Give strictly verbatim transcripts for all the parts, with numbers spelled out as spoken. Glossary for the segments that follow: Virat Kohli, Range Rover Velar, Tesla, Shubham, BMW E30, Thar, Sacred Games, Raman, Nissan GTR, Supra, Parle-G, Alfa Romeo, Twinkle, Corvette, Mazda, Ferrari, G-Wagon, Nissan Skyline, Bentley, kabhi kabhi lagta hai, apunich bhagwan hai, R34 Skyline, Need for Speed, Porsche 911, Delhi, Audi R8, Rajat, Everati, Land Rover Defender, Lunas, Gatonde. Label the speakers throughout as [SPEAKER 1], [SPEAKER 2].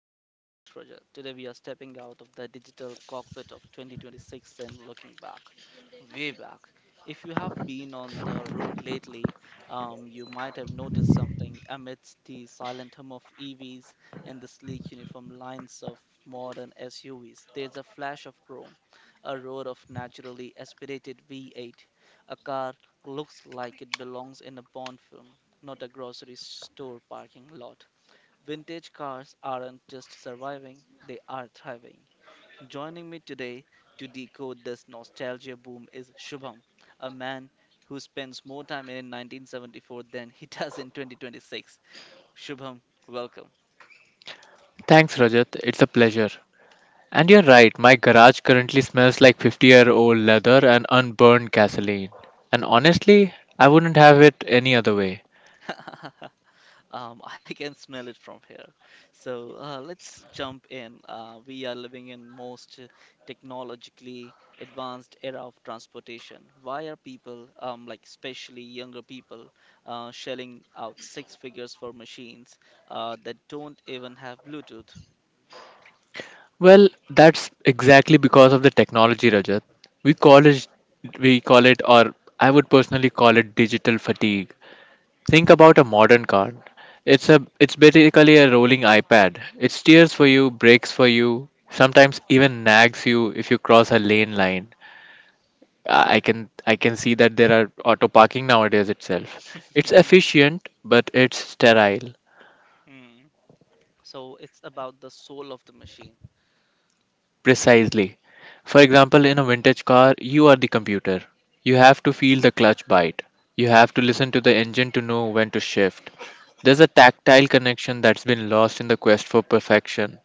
[SPEAKER 1] I'm your host Roger. Today we are stepping out of the digital cockpit of twenty twenty-six and looking back, way back. If you have been on the road lately, um, you might have noticed something amidst the silent hum of E Vs and the sleek uniform lines of modern S U Vs. There's a flash of chrome, a roar of naturally aspirated V eight, a car looks like it belongs in a Bond film, not a grocery store parking lot. Vintage cars aren't just surviving, they are thriving. Joining me today to decode this nostalgia boom is Shubham, a man who spends more time in nineteen seventy-four than he does in twenty twenty-six. Shubham, welcome.
[SPEAKER 2] Thanks, Rajat. It's a pleasure. And you're right, my garage currently smells like fifty year old leather and unburned gasoline. And honestly, I wouldn't have it any other way.
[SPEAKER 1] Um, I can smell it from here. So uh, let's jump in. Uh, we are living in most technologically advanced era of transportation. Why are people, um, like especially younger people, uh, shelling out six figures for machines uh, that don't even have Bluetooth?
[SPEAKER 2] Well, that's exactly because of the technology, Rajat. We call it, we call it, or I would personally call it digital fatigue. Think about
[SPEAKER 1] Mhm.
[SPEAKER 2] a modern car. It's a, it's basically a rolling iPad. It steers for you, brakes for you, sometimes even nags you if you cross a lane line. I can I can see that there are auto parking nowadays itself. It's efficient, but it's
[SPEAKER 1] Mm,
[SPEAKER 2] sterile.
[SPEAKER 1] mm. So it's about the soul of the machine.
[SPEAKER 2] Precisely. For example, in a vintage car, you are the computer. You have to feel the clutch bite. You have to listen to the engine to know when to shift. There's a tactile connection that's been lost in the quest for perfection.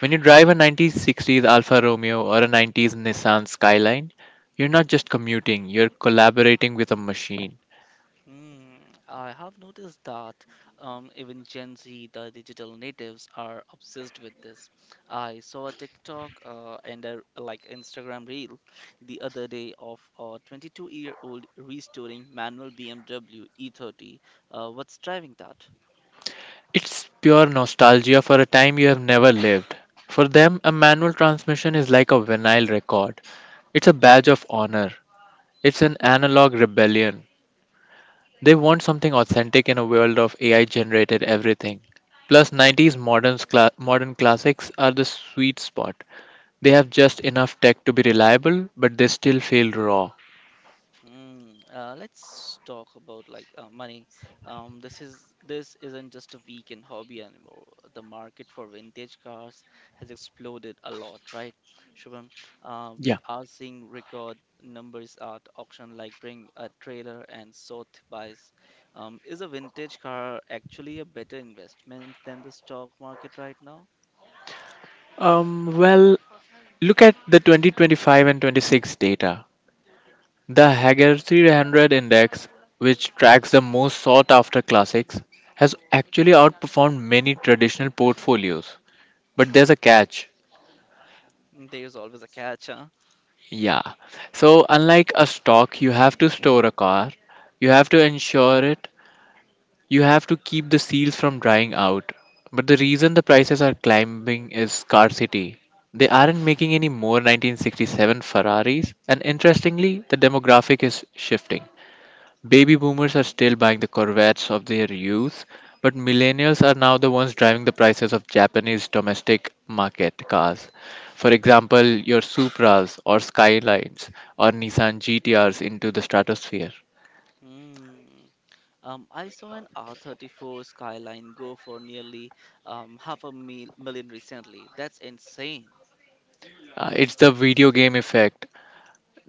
[SPEAKER 2] When you drive a nineteen sixties Alfa Romeo or a nineties Nissan Skyline, you're not just commuting, you're collaborating with a machine.
[SPEAKER 1] Hmm, I have noticed that um, even Gen Z, the digital natives, are obsessed with this. I saw a TikTok uh, and a like Instagram reel the other day of a twenty-two-year-old restoring manual B M W E thirty. Uh, what's driving that?
[SPEAKER 2] It's pure nostalgia for a time you have never lived. For them, a manual transmission is like a vinyl record. It's a badge of honor. It's an analog rebellion. They want something authentic in a world of A I generated everything. Plus, nineties modern, cla- modern classics are the sweet spot. They have just enough tech to be reliable, but they still feel raw.
[SPEAKER 1] Mm, uh, let's talk about like uh, money. Um, this is this isn't just a weekend hobby anymore. The market for vintage cars has exploded a lot, right, Shubham? Uh, we
[SPEAKER 2] Yeah.
[SPEAKER 1] are seeing record numbers at auction, like bring a trailer and sort buys. Um, is a vintage car actually a better investment than the stock market right now?
[SPEAKER 2] Um, well, look at the twenty twenty-five and twenty-six data. The Hager three hundred Index, which tracks the most sought after classics, has actually outperformed many traditional portfolios. But there's a catch.
[SPEAKER 1] Mm. There's always a catch, huh?
[SPEAKER 2] Yeah. So, unlike a stock, you have to store a car, you have to insure it, you have to keep the seals from drying out. But the reason the prices are climbing is scarcity. They aren't making any more nineteen sixty-seven Ferraris, and interestingly, the demographic is shifting. Baby boomers are still buying the Corvettes of their youth, but millennials are now the ones driving the prices of Japanese domestic market cars. For example, your Supras or Skylines or Nissan G T Rs into the stratosphere.
[SPEAKER 1] Mm. Um, I saw an R thirty-four Skyline go for nearly um, half a mil million recently. That's insane.
[SPEAKER 2] Uh, it's the video game effect.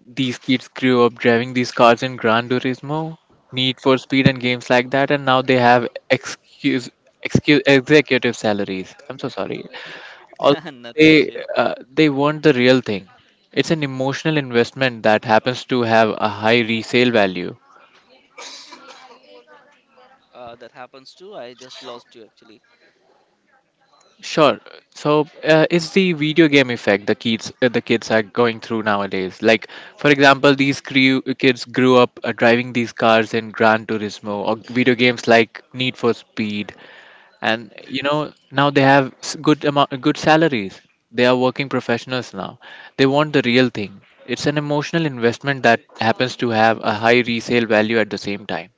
[SPEAKER 2] These kids grew up driving these cars in Gran Turismo, Need for Speed, and games like that, and now they have excuse, excuse executive salaries. I'm so sorry. Also,
[SPEAKER 1] Not an
[SPEAKER 2] they
[SPEAKER 1] issue.
[SPEAKER 2] uh, they weren't the real thing. It's an emotional investment that happens to have a high resale value.
[SPEAKER 1] Uh, that happens too. I just lost you actually.
[SPEAKER 2] Sure. So uh, it's the video game effect the kids uh, the kids are going through nowadays. Like for example, these crew, kids grew up uh, driving these cars in Gran Turismo or video games like Need for Speed, and you know now they have s- good amount good salaries. They are working
[SPEAKER 1] Hmm.
[SPEAKER 2] professionals now. They want the real thing. It's an emotional investment that happens to have a high resale value at the same time.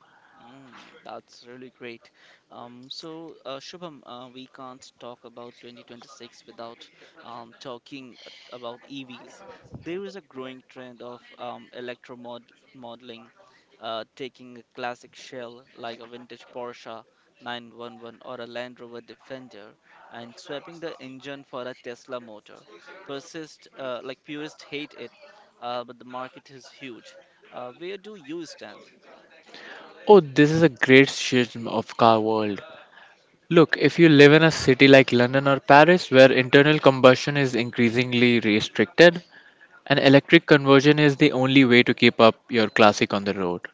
[SPEAKER 1] Mm, that's really great. Um, so, uh, Shubham, uh, we can't talk about twenty twenty-six without um, talking a- about E Vs. There is a growing trend of um, electromod modeling, uh, taking a classic shell like a vintage Porsche nine one one or a Land Rover Defender and swapping the engine for a Tesla motor. Persist, uh, like purists hate it, uh, but the market is huge. Uh, where do you stand?
[SPEAKER 2] Oh, this is a great schism of car world. Look, if you live in a city like London or Paris where internal combustion is increasingly restricted, an electric conversion is the only way to keep up your classic on the road.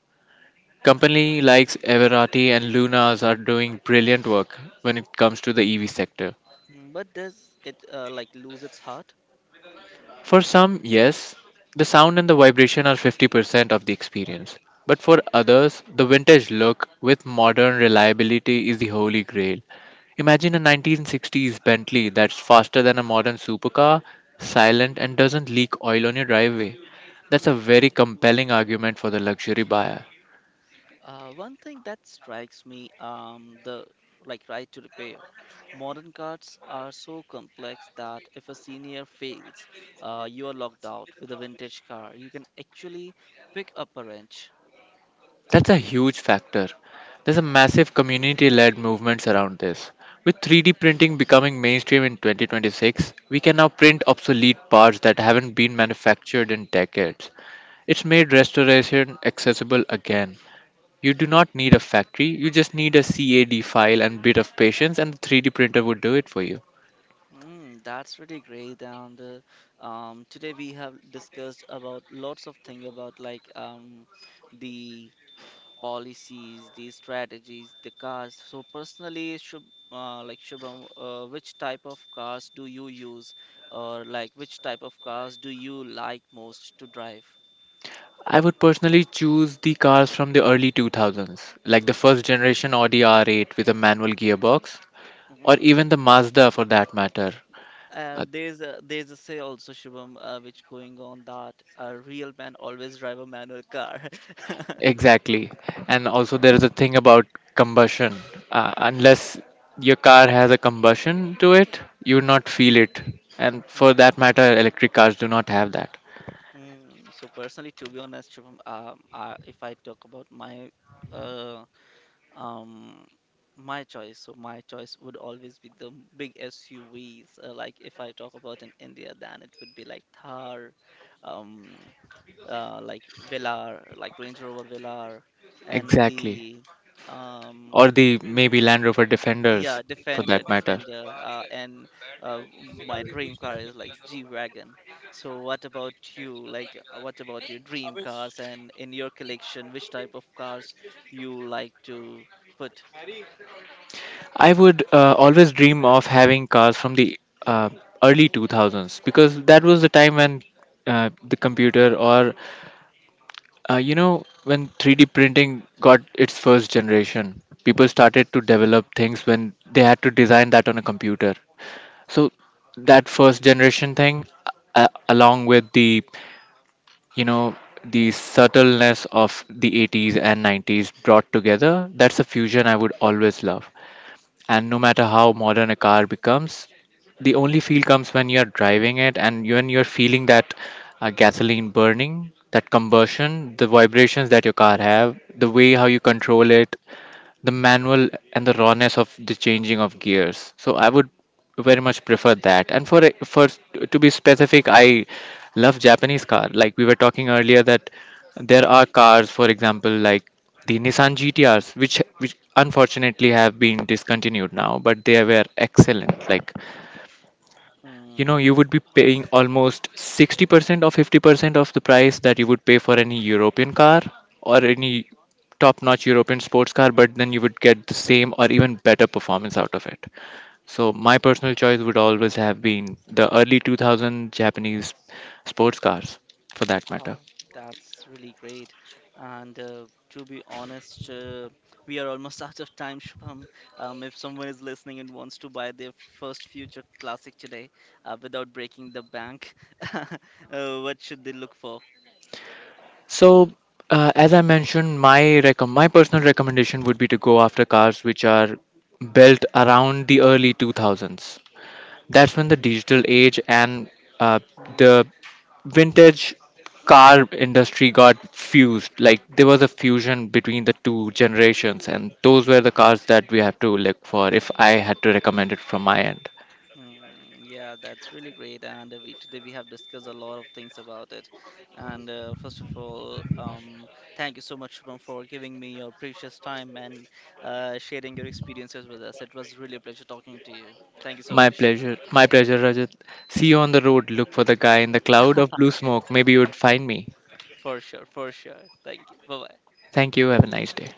[SPEAKER 2] Company likes Everati and Lunas are doing brilliant work when it comes to the E V sector.
[SPEAKER 1] Mm. But does it uh, like lose its heart?
[SPEAKER 2] For some, yes, the sound and the vibration are fifty percent of the experience. But for others, the vintage look with modern reliability is the holy grail. Imagine a nineteen sixties Bentley that's faster than a modern supercar, silent, and doesn't leak oil on your driveway. That's a very compelling argument for the luxury buyer.
[SPEAKER 1] Uh, one thing that strikes me, um, the like right to repair. Modern cards are so complex that if a senior fails, uh, you are locked out. With a vintage car you can actually pick up a wrench.
[SPEAKER 2] That's a huge factor. There's a massive community led movements around this. With three D printing becoming mainstream in twenty twenty-six, we can now print obsolete parts that haven't been manufactured in decades. It's made restoration accessible again. You do not need a factory, you just need a CAD file and bit of patience, and the three D printer would do it for you.
[SPEAKER 1] Mm, that's really great. And uh, um, Today we have discussed about lots of things about like um, the policies, the strategies, the cars. So personally, Shub, uh, like Shubham, uh, which type of cars do you use, or like which type of cars do you like most to drive?
[SPEAKER 2] I would personally choose the cars from the early two thousands, like the first generation Audi R eight with a manual gearbox, or
[SPEAKER 1] Mhm.
[SPEAKER 2] even the Mazda for that matter.
[SPEAKER 1] Uh,
[SPEAKER 2] Uh,
[SPEAKER 1] there's a there's a say also Shubham, uh, which going on that a real man always drive a manual car.
[SPEAKER 2] Exactly. And also, there is a thing about combustion. Uh, unless your car has a combustion to it, you would not feel it. And for
[SPEAKER 1] Mhm.
[SPEAKER 2] that matter, electric cars do not have that.
[SPEAKER 1] Mm. So personally, to be honest, Shubham, um, I, if I talk about my uh, Um, my choice. So my choice would always be the m- big S U Vs. Uh, like if I talk about in India, then it would be like Thar, um, uh, like Velar, like Range Rover Velar, and
[SPEAKER 2] Exactly.
[SPEAKER 1] the um,
[SPEAKER 2] Or the maybe Land Rover Defenders,
[SPEAKER 1] yeah,
[SPEAKER 2] for
[SPEAKER 1] Defender,
[SPEAKER 2] that matter.
[SPEAKER 1] Defender, uh, and uh, my dream car is like G-Wagon. So what about you? Like, uh, what about your dream cars and in your collection, which type of cars you like to put?
[SPEAKER 2] I would uh, always dream of having cars from the uh, early two thousands because that was the time when uh, the computer or Uh, you know, when three D printing got its first generation, people started to develop things when they had to design that on a computer. So that first generation thing, uh, along with the, you know, the subtleness of the eighties and nineties brought together, that's a fusion I would always love. And no matter how modern a car becomes, the only feel comes when you're driving it and when you're feeling that uh, gasoline burning, that combustion, the vibrations that your car have, the way how you control it, the manual and the rawness of the changing of gears. So I would very much prefer that. And for for to be specific, I love Japanese car. Like we were talking earlier that there are cars, for example, like the Nissan G T Rs, which which unfortunately have been discontinued now, but they were excellent. Like you know
[SPEAKER 1] Mm,
[SPEAKER 2] you would be paying
[SPEAKER 1] yes.
[SPEAKER 2] almost sixty percent or fifty percent of the price that you would pay for any European car or any top notch European sports car. But then you would get the same or even better performance out of it. So my personal choice would always have been the early two thousand Japanese sports cars, for that matter.
[SPEAKER 1] Ah, that's really great. And uh, To be honest, uh, we are almost out of time, Shubham. Um, if someone is listening and wants to buy their first future classic today, uh, without breaking the bank, uh, what should they look for?
[SPEAKER 2] So, uh, as I mentioned, my recom- my personal recommendation would be to go after cars which are built around the early two thousands. That's when the
[SPEAKER 1] Mm,
[SPEAKER 2] digital age and uh,
[SPEAKER 1] mm,
[SPEAKER 2] the vintage car industry got fused. Like there was a
[SPEAKER 1] mm.
[SPEAKER 2] fusion between the two generations, and those were the cars that we have to look for, if I had to recommend it from my end.
[SPEAKER 1] Mm, yeah, that's really great. And uh, we today we have discussed a lot of things about it. And uh, first of all, um, thank you so much, Shubham, for giving me your precious time and uh, sharing your experiences with us. It was really a pleasure talking to you. Thank you so
[SPEAKER 2] My
[SPEAKER 1] much.
[SPEAKER 2] pleasure. My pleasure, Rajat. See you on the road. Look for the guy in the cloud of blue smoke. Maybe you would find me.
[SPEAKER 1] For sure, for sure. Thank you. Bye bye.
[SPEAKER 2] Thank you. Have a nice day.